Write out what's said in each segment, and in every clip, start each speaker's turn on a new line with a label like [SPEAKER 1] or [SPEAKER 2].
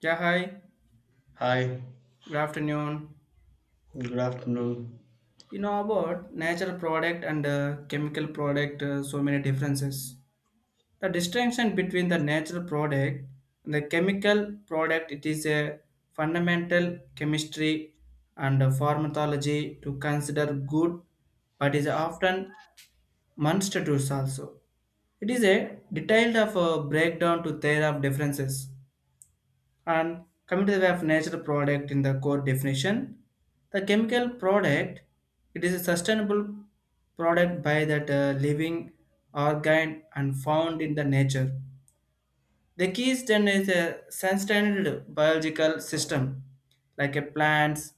[SPEAKER 1] Yeah, hi.
[SPEAKER 2] Hi,
[SPEAKER 1] Good afternoon.
[SPEAKER 2] good afternoon.
[SPEAKER 1] You know about natural product and chemical product, so many differences. The distinction between the natural product and the chemical product, it is a fundamental chemistry and pharmacology to consider good, but is often monstrous also. It is a detailed of a breakdown to their of differences. And coming to the way of natural product in the core definition, the chemical product, it is a sustainable product by that living organ and found in the nature. The key is then is a sustained biological system like a plants,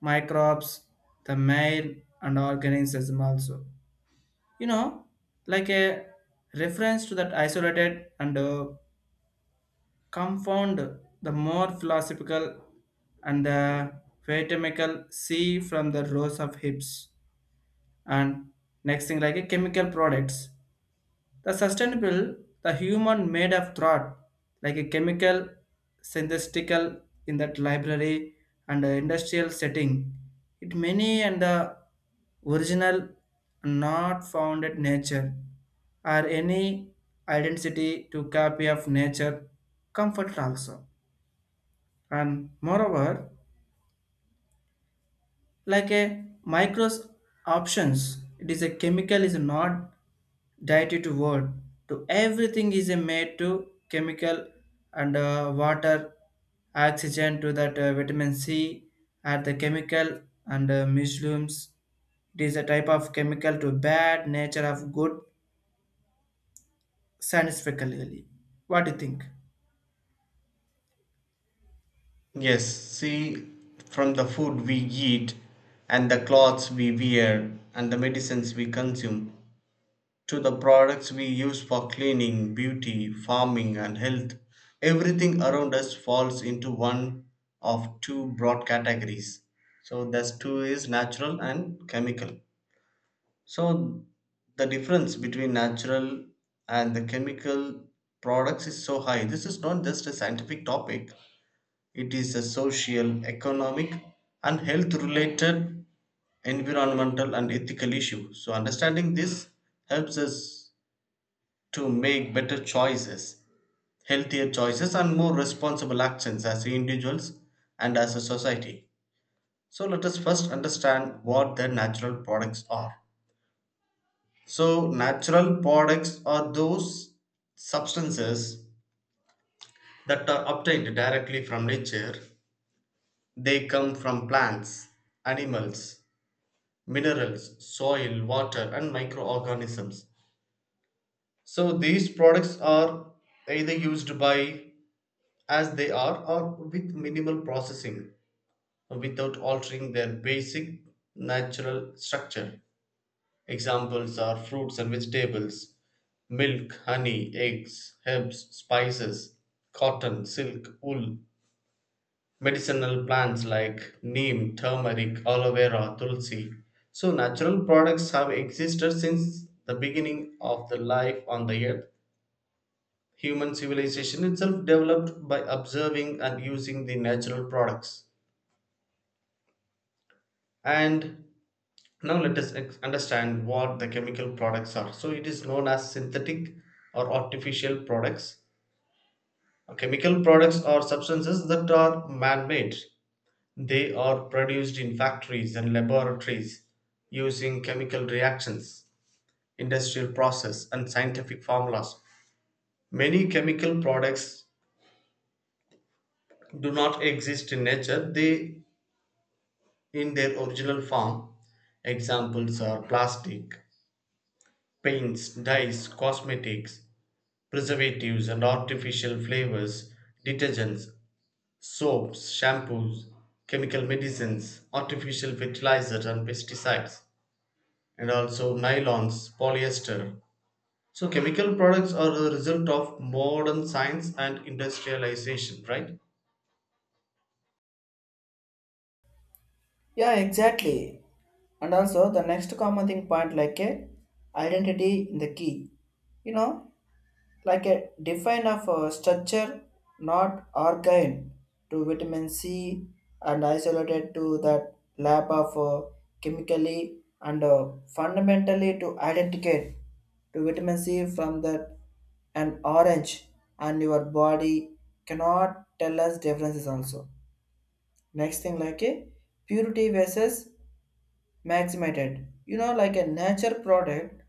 [SPEAKER 1] microbes, the male and organism also. You know, like a reference to that isolated and confound the more philosophical and the phytochemical C from the rows of hips. And next thing like a chemical products. The sustainable, the human made of thought, like a chemical synthetical in that library and the industrial setting. It many and the original not found at nature or any identity to copy of nature comfort also. And moreover, like a micros options, it is a chemical is not dietary to word to everything is a made to chemical and water oxygen to that vitamin c and the chemical and mushrooms, it is a type of chemical to bad nature of good scientifically. What do you think?
[SPEAKER 2] Yes, see, from the food we eat and the clothes we wear and the medicines we consume to the products we use for cleaning, beauty, farming, and health, everything around us falls into one of two broad categories. So, thus two is natural and chemical. So, the difference between natural and the chemical products is so high. This is not just a scientific topic. It is a social, economic, and health related, environmental and ethical issue. So, understanding this helps us to make better choices, healthier choices, and more responsible actions as individuals and as a society. So, let us first understand what the natural products are. So, natural products are those substances that are obtained directly from nature. They come from plants, animals, minerals, soil, water, and microorganisms. So these products are either used by as they are or with minimal processing without altering their basic natural structure. Examples are fruits and vegetables, milk, honey, eggs, herbs, spices, cotton, silk, wool, medicinal plants like neem, turmeric, aloe vera, tulsi. So, natural products have existed since the beginning of the life on the earth. Human civilization itself developed by observing and using the natural products. And now let us understand what the chemical products are. So, it is known as synthetic or artificial products. Chemical products are substances that are man made. They are produced in factories and laboratories using chemical reactions, industrial process and scientific formulas. Many chemical products do not exist in nature, they in their original form. Examples are plastic, paints, dyes, cosmetics, preservatives and artificial flavors, detergents, soaps, shampoos, chemical medicines, artificial fertilizers and pesticides, and also nylons, polyester. So, chemical products are a result of modern science and industrialization, right?
[SPEAKER 1] Yeah, exactly. And also the next common thing point, like a identity in the key. You know, like a define of a structure, not organ to vitamin C and isolated to that lab of chemically and fundamentally to identicate to vitamin C from that an orange, and your body cannot tell us differences also. Next thing, like a purity versus maximated. You know, like a nature product,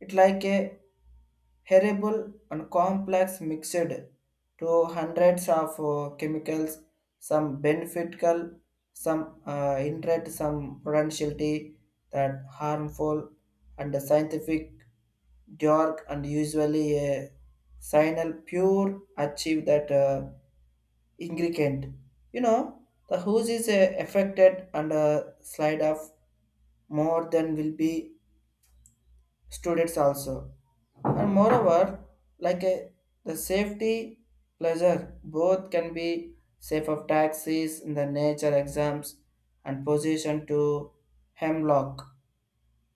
[SPEAKER 1] it like a herbal and complex mixed to hundreds of chemicals, some beneficial, some indirect, some potentiality that harmful, and the scientific dark and usually a signal pure achieve that ingredient. You know, the hose is affected and a slide of more than will be students also. And moreover, like a, the safety pleasure, both can be safe of taxis in the nature exams and position to hemlock,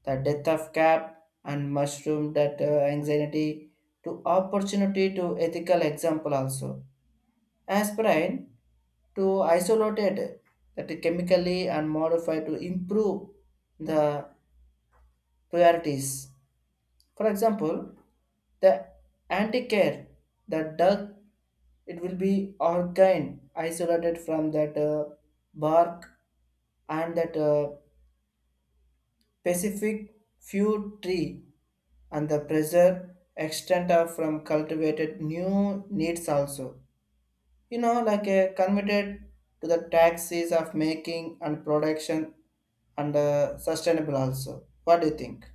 [SPEAKER 1] the death of cap and mushroom that anxiety to opportunity to ethical example also. Aspirin to isolate it, that it chemically and modify to improve the priorities, for example, the anti-care, the duck, it will be organ isolated from that bark and that specific few tree and the pressure extent of from cultivated new needs also. You know, like committed to the taxes of making and production and sustainable also. What do you think?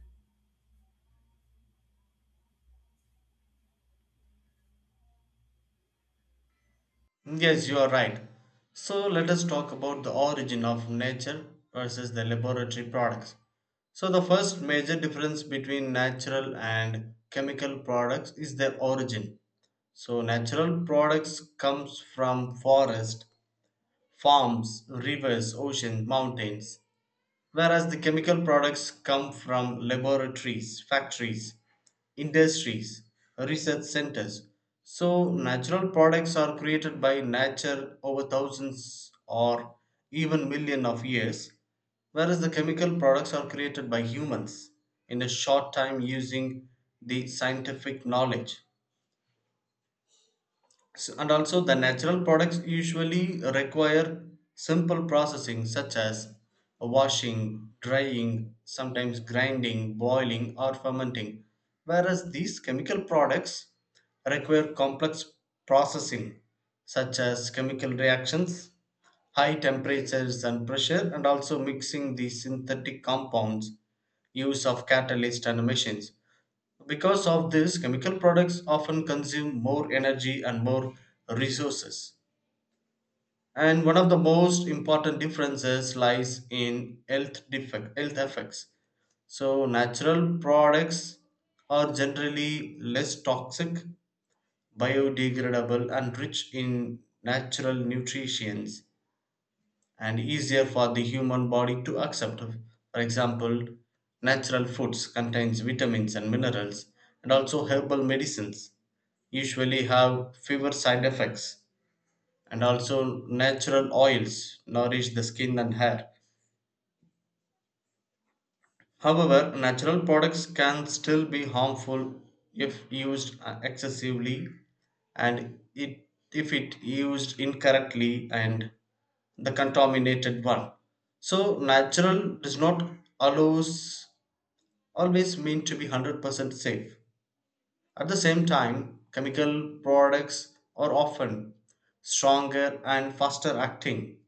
[SPEAKER 2] Yes, you are right. So, let us talk about the origin of nature versus the laboratory products. So, the first major difference between natural and chemical products is their origin. So, natural products comes from forest, farms, rivers, ocean, mountains, whereas the chemical products come from laboratories, factories, industries, research centers. So, natural products are created by nature over thousands or even million of years, whereas the chemical products are created by humans in a short time using the scientific knowledge. And also the natural products usually require simple processing such as washing, drying, sometimes grinding, boiling or fermenting, whereas these chemical products require complex processing such as chemical reactions, high temperatures and pressure, and also mixing the synthetic compounds, use of catalysts and machines. Because of this, chemical products often consume more energy and more resources. And one of the most important differences lies in health, defect, health effects. So, natural products are generally less toxic, biodegradable, and rich in natural nutrients and easier for the human body to accept. For example, natural foods contains vitamins and minerals, and also herbal medicines usually have fewer side effects, and also natural oils nourish the skin and hair. However, natural products can still be harmful if used excessively, and it if it used incorrectly and the contaminated one. So natural does not allows always mean to be 100% safe. At the same time, chemical products are often stronger and faster acting,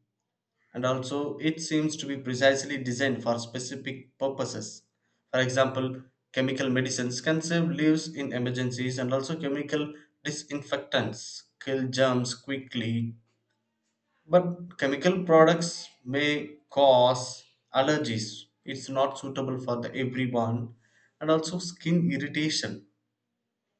[SPEAKER 2] and also it seems to be precisely designed for specific purposes. For example, chemical medicines can save lives in emergencies, and also chemical disinfectants kill germs quickly. But chemical products may cause allergies, it's not suitable for the everyone, and also skin irritation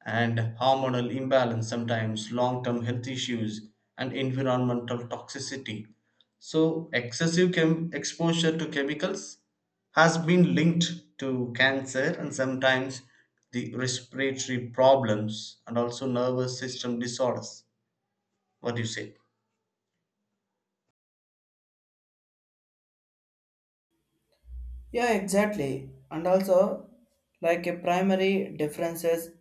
[SPEAKER 2] and hormonal imbalance, sometimes long term health issues, and environmental toxicity. So, excessive exposure to chemicals has been linked to cancer and sometimes the respiratory problems and also nervous system disorders. What do you say?
[SPEAKER 1] Yeah, exactly. And also, like a primary differences,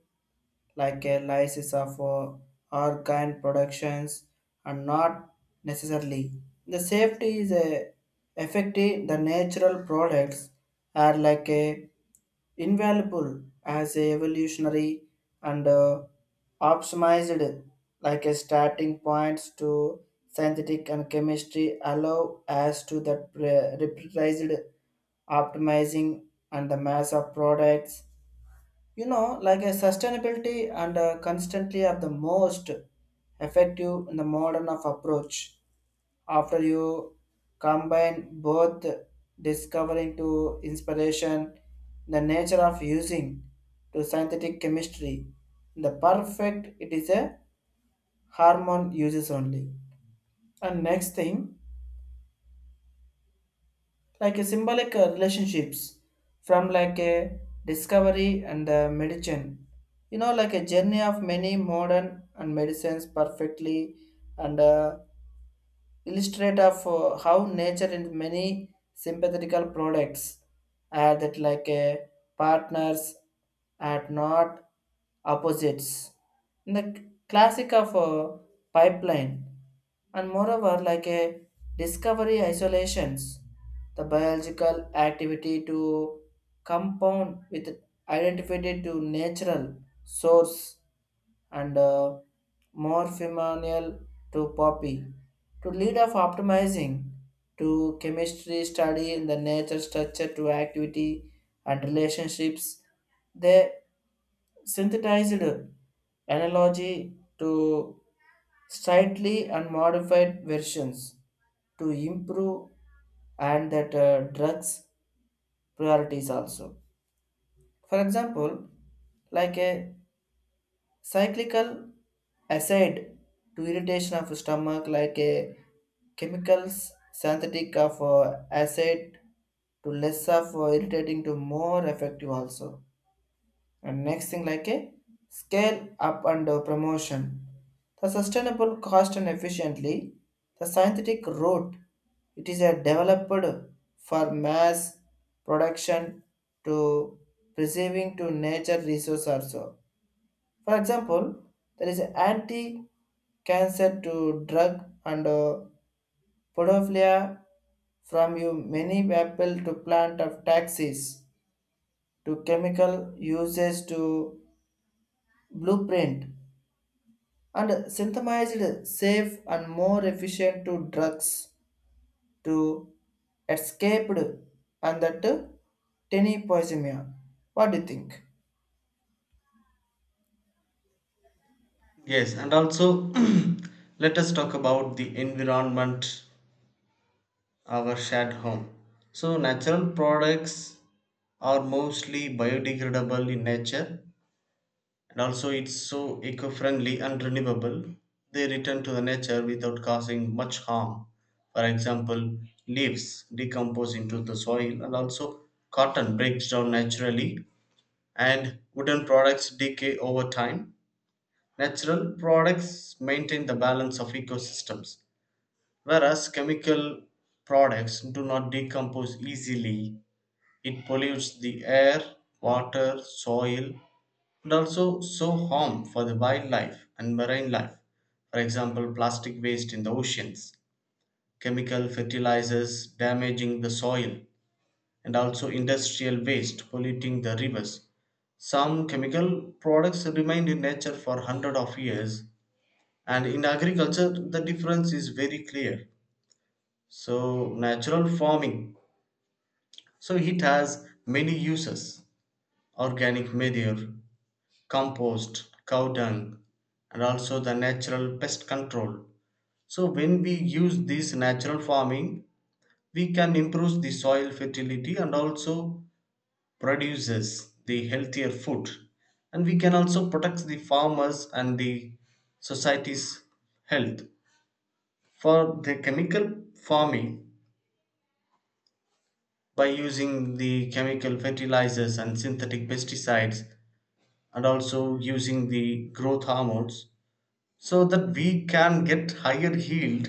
[SPEAKER 1] like a lysis of our kind productions, are not necessarily the safety is a effective. The natural products are like a invaluable as a evolutionary and optimized like a starting points to synthetic and chemistry allow as to that reprised optimizing and the mass of products. You know, like a sustainability and constantly are the most effective in the modern of approach after you combine both discovering to inspiration the nature of using to synthetic chemistry the perfect it is a hormone uses only. And next thing, like a symbolic relationships from like a discovery and the medicine. You know, like a journey of many modern and medicines perfectly and illustrate of how nature in many sympathetical products are that like partners are not opposites in the classic of pipeline. And moreover, like a discovery isolations the biological activity to compound with identified to natural source and more female to poppy to lead of optimizing to chemistry study in the nature structure to activity and relationships, they synthesized analogy to slightly and modified versions to improve and that drugs priorities also, for example, like a cyclical acid to irritation of stomach like a chemicals synthetic of acid to less of irritating to more effective also. And next thing, like a scale up and promotion. The sustainable cost and efficiently the synthetic route, it is a developed for mass production to preserving to nature resource also. For example, there is anti-cancer to drug and pedophilia from you many people to plant of taxis to chemical uses to blueprint and synthesized safe and more efficient to drugs to escaped and that tiny poisomia. What do you think?
[SPEAKER 2] Yes, and also let us talk about the environment, our shared home. So, natural products are mostly biodegradable in nature, and also it's so eco-friendly and renewable. They return to the nature without causing much harm. For example, leaves decompose into the soil, and also cotton breaks down naturally and wooden products decay over time. Natural products maintain the balance of ecosystems, whereas chemical products do not decompose easily. It pollutes the air, water, soil, could also so harm for the wildlife and marine life. For example, plastic waste in the oceans, chemical fertilizers damaging the soil, and also industrial waste polluting the rivers. Some chemical products remained in nature for hundred of years, and in agriculture, the difference is very clear. So, natural farming. So, it has many uses: organic manure, compost, cow dung, and also the natural pest control. So, when we use this natural farming, we can improve the soil fertility and also produces the healthier food. And we can also protect the farmers and the society's health. For the chemical farming, by using the chemical fertilizers and synthetic pesticides, and also using the growth hormones, so that we can get higher yield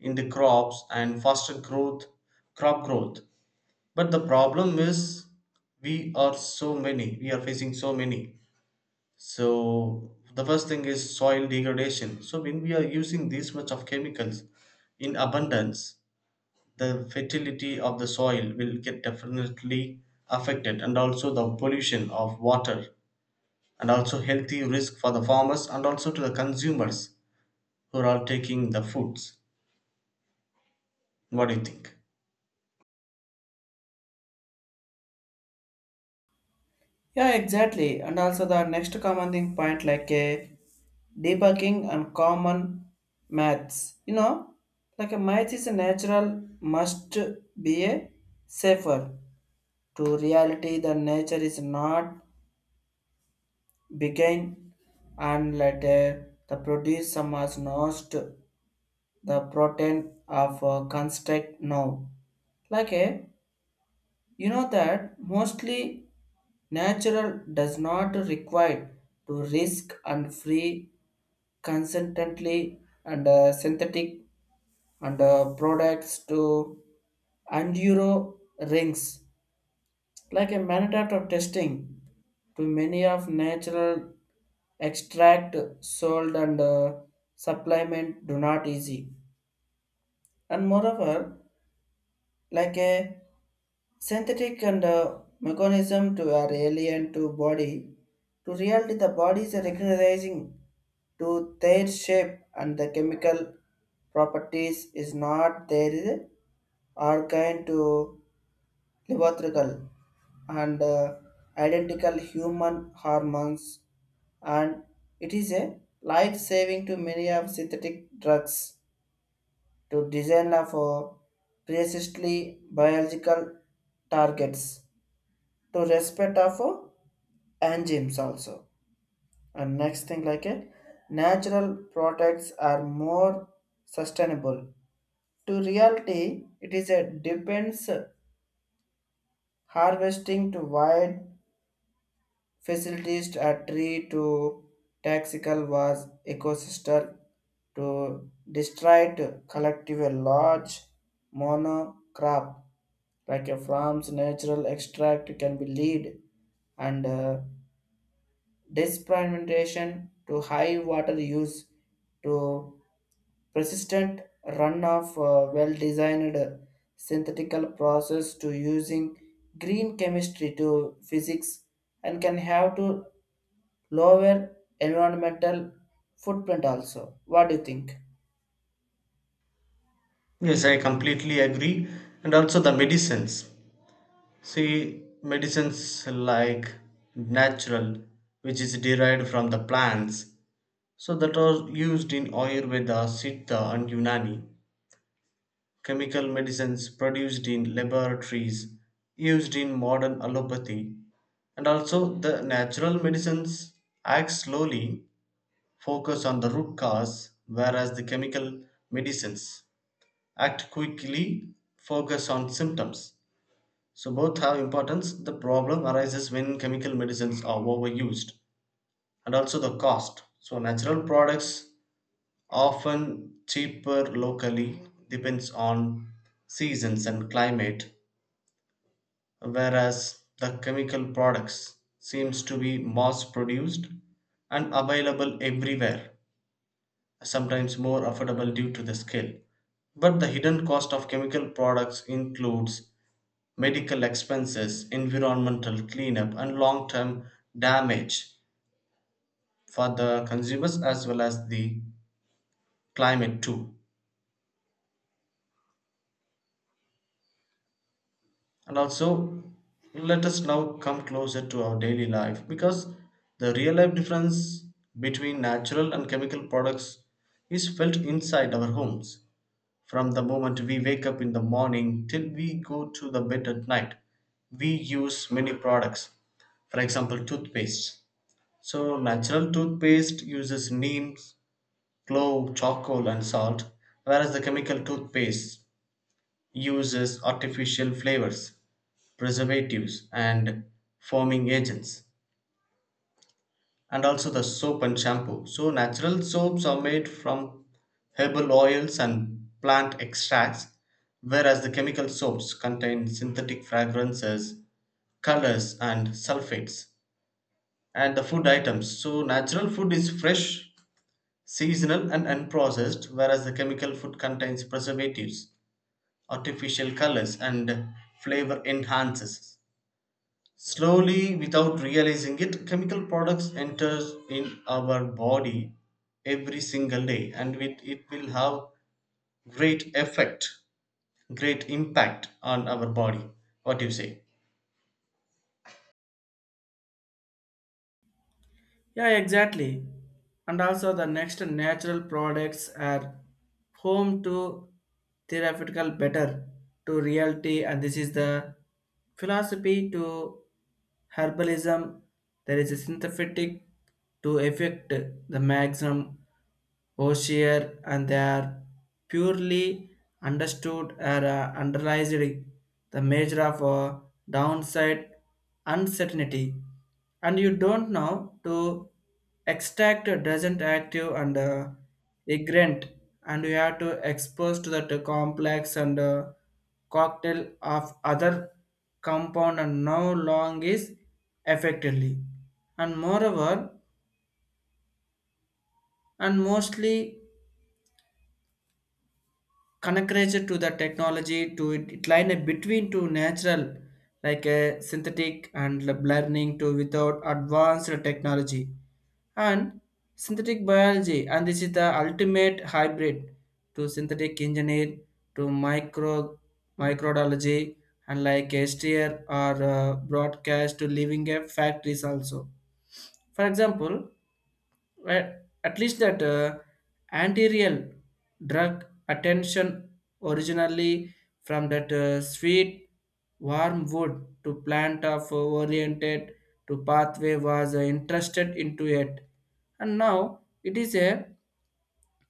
[SPEAKER 2] in the crops and faster growth, crop growth. But the problem is we are so many, we are facing so many. So the first thing is soil degradation. So when we are using this much of chemicals in abundance, the fertility of the soil will get definitely affected, and also the pollution of water, and also healthy risk for the farmers and also to the consumers who are all taking the foods. What do you think?
[SPEAKER 1] Yeah, exactly. And also the next common thing point, like a debugging and common maths. You know, like a math is a natural must be a safer to reality. The nature is not begin and let a, the produce some as not the protein of construct now. Like a, you know that mostly natural does not require to risk and free consistently and synthetic and products to and euro rings, like a mandate of testing to many of natural extract sold and supplement do not easy. And moreover, like a synthetic and mechanism to our alien to body, to reality the body is recognizing to their shape and the chemical properties is not there are kind to levotrical and identical human hormones, and it is a life saving to many of synthetic drugs to design for precisely biological targets to respect of enzymes also. And next thing, like it, natural products are more sustainable. To reality, it is a depends harvesting to wide facilities a tree to taxical was ecosystem to destroyed collective a large monocrop like a farm's natural extract can be lead and disprivatization to high water use to persistent runoff well-designed synthetical process to using green chemistry to physics and can have to lower environmental footprint also. What do you think?
[SPEAKER 2] Yes, I completely agree. And also the medicines. See, medicines like natural, which is derived from the plants, so that are used in Ayurveda, Siddha, and Unani. Chemical medicines produced in laboratories, used in modern allopathy. And also the natural medicines act slowly, focus on the root cause, whereas the chemical medicines act quickly, focus on symptoms. So both have importance. The problem arises when chemical medicines are overused, and also the cost. So natural products often cheaper locally, depends on seasons and climate, whereas the chemical products seems to be mass produced and available everywhere, sometimes more affordable due to the scale. But the hidden cost of chemical products includes medical expenses, environmental cleanup, and long term damage for the consumers as well as the climate too. And also, let us now come closer to our daily life because the real life difference between natural and chemical products is felt inside our homes. From the moment we wake up in the morning till we go to the bed at night, we use many products. For example, toothpaste. So natural toothpaste uses neem, clove, charcoal and salt, whereas the chemical toothpaste uses artificial flavors, preservatives and foaming agents. And also the soap and shampoo. So natural soaps are made from herbal oils and plant extracts, whereas the chemical soaps contain synthetic fragrances, colors, and sulfates. And the food items. So, natural food is fresh, seasonal and unprocessed, whereas the chemical food contains preservatives, artificial colors, and flavor enhancers. Slowly, without realizing it, chemical products enters in our body every single day, and it will have great effect, great impact on our body. What do you say?
[SPEAKER 1] Yeah, exactly. And also the next natural products are home to theoretical better to reality, and this is the philosophy to herbalism. There is a synthetic to effect the maximum Hosier, and they are purely understood or underlies the measure of downside uncertainty. And you don't know to extract a doesn't active and ignorant, and you have to expose to that complex and cocktail of other compound and no long is effectively. And moreover, and mostly connected to the technology to it line a between to natural like a synthetic and lab learning to without advanced technology and synthetic biology, and this is the ultimate hybrid to synthetic engineer to microbiology and like STR or broadcast to living a factories also. For example, well, at least that anterior drug attention originally from that sweet warm wood to plant of oriented to pathway was interested into it, and now it is a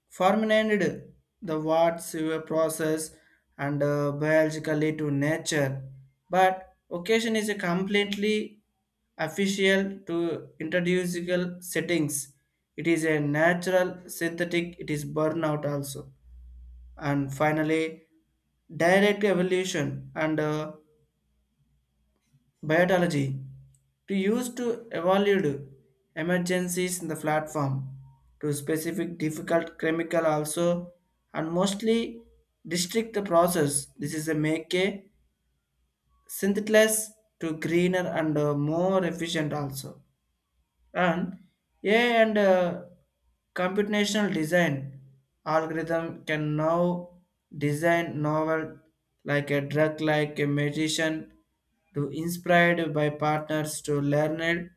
[SPEAKER 1] fermented the words your process and biologically to nature, but occasion is a completely official to introducible settings. It is a natural synthetic. It is burnout also. And finally, direct evolution and biotology to use to evaluate emergencies in the platform to specific difficult chemical also, and mostly district the process. This is a make a synthesis to greener and more efficient also. And AI and computational design algorithm can now design novel like a drug like a magician to inspired by partners to learn it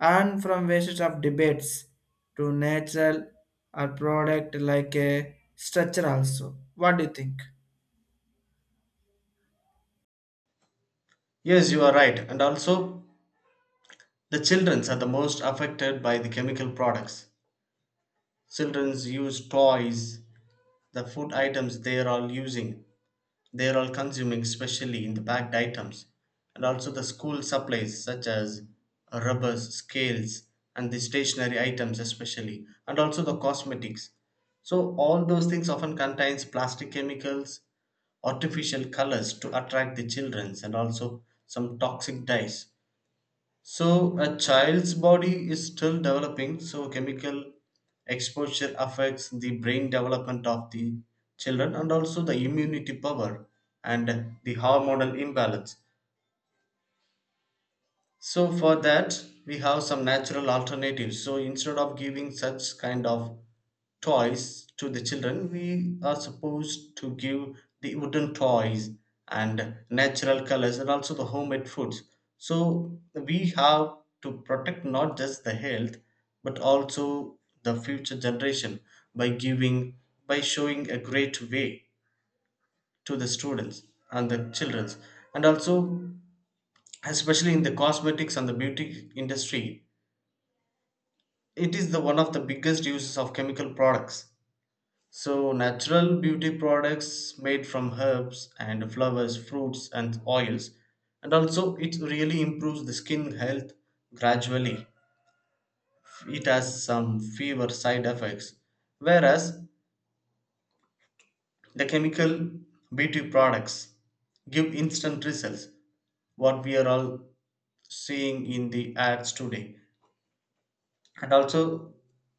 [SPEAKER 1] and from wastes of debates to natural or product like a structure also. What do you think?
[SPEAKER 2] Yes, you are right. And also, the childrens are the most affected by the chemical products. Childrens use toys, the food items they are all using, they are all consuming, especially in the packed items, and also the school supplies such as rubbers, scales and the stationary items especially, and also the cosmetics. So all those things often contains plastic chemicals, artificial colors to attract the childrens, and also some toxic dyes. So a child's body is still developing, so chemical exposure affects the brain development of the children and also the immunity power and the hormonal imbalance. So for that, we have some natural alternatives. So instead of giving such kind of toys to the children, we are supposed to give the wooden toys and natural colors and also the homemade foods. So we have to protect not just the health but also the future generation by giving, by showing a great way to the students and the children. And also, especially in the cosmetics and the beauty industry, it is the one of the biggest uses of chemical products. So natural beauty products made from herbs and flowers, fruits and oils, and also it really improves the skin health gradually. It has some fewer side effects, whereas the chemical beauty products give instant results, what we are all seeing in the ads today, and also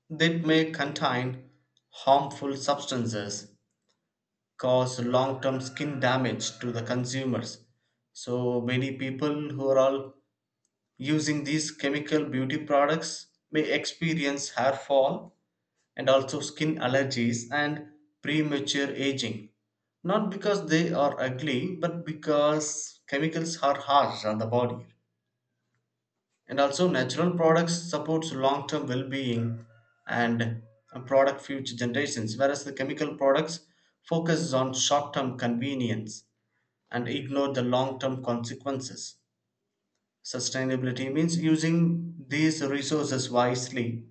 [SPEAKER 2] they may contain harmful substances, cause long term skin damage to the consumers. So many people who are all using these chemical beauty products may experience hair fall and also skin allergies and premature aging, not because they are ugly but because chemicals are harsh on the body. And also natural products supports long-term well-being and product future generations, whereas the chemical products focuses on short-term convenience and ignore the long-term consequences. Sustainability means using these resources wisely,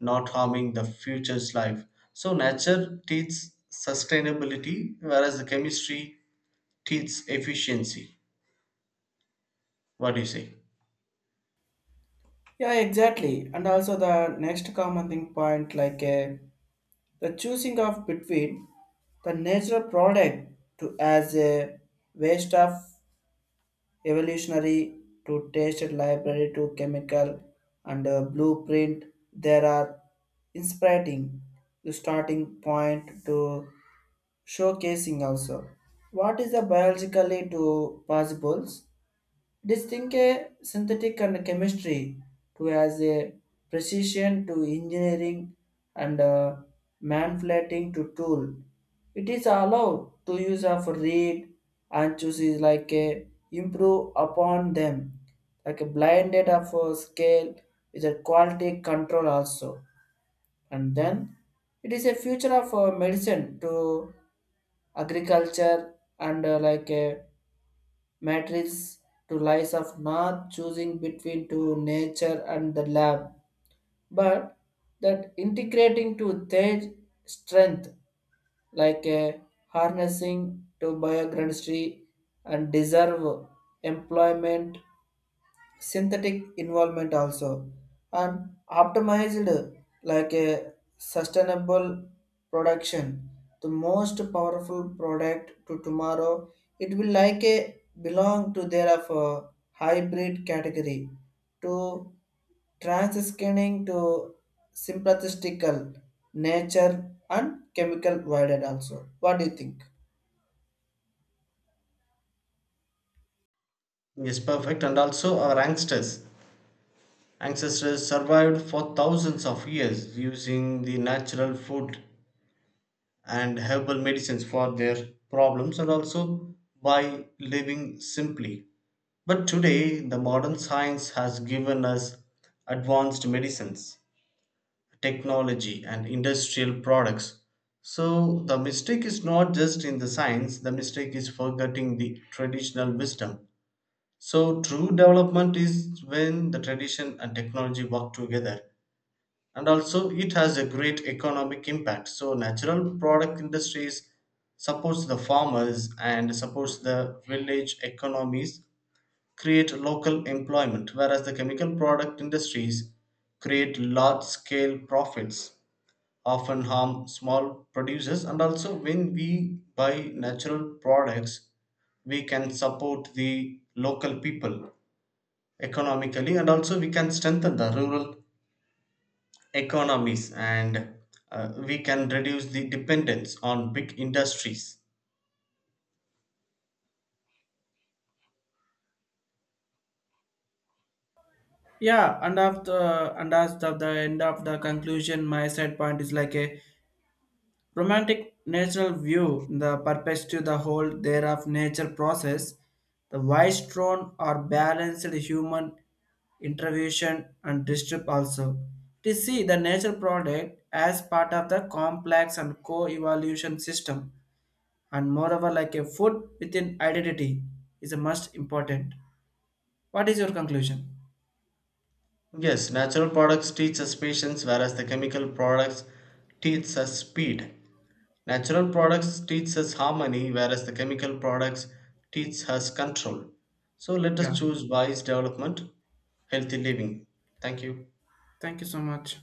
[SPEAKER 2] not harming the future's life. So nature teaches sustainability, whereas the chemistry teaches efficiency. What do you say?
[SPEAKER 1] Yeah, exactly. And also the next common thing point, like a the choosing of between the natural product to as a waste of evolutionary to tasted library to chemical and blueprint, there are inspiring the starting point to showcasing also what is the biologically to possibles distinct a synthetic and chemistry to as a precision to engineering and manipulating to tool. It is allowed to use of read and chooses like a improve upon them like a blinded of a scale with a quality control also. And then it is a future of medicine to agriculture and like a matrix to lies of not choosing between to nature and the lab, but that integrating to their strength, like a harnessing to biochemistry and deserve employment synthetic involvement also, and optimized like a sustainable production, the most powerful product to tomorrow, it will like a belong to their of a hybrid category to transscanning to sympathetical nature and chemical voided also. What do you think?
[SPEAKER 2] Yes, perfect. And also our youngsters, ancestors survived for thousands of years using the natural food and herbal medicines for their problems and also by living simply. But today, the modern science has given us advanced medicines, technology, and industrial products. So, the mistake is not just in the science, the mistake is forgetting the traditional wisdom. So, true development is when the tradition and technology work together. And also it has a great economic impact. So natural product industries supports the farmers and supports the village economies, create local employment, whereas the chemical product industries create large scale profits, often harm small producers. And also when we buy natural products, we can support the local people economically, and also we can strengthen the rural economies, and we can reduce the dependence on big industries.
[SPEAKER 1] Yeah, and after and as of the end of the conclusion, my side point is like a romantic natural view, the perspective, the whole thereof nature process, the wise tone or balanced human intervention and distrip also. To see the nature product as part of the complex and co-evolution system, and moreover like a food within identity is a must important. What is your conclusion?
[SPEAKER 2] Yes, natural products teach us patience, whereas the chemical products teach us speed. Natural products teach us harmony, whereas the chemical products teach us control. So let us
[SPEAKER 1] Yeah.
[SPEAKER 2] choose wise development, healthy living. Thank you.
[SPEAKER 1] Thank you so much.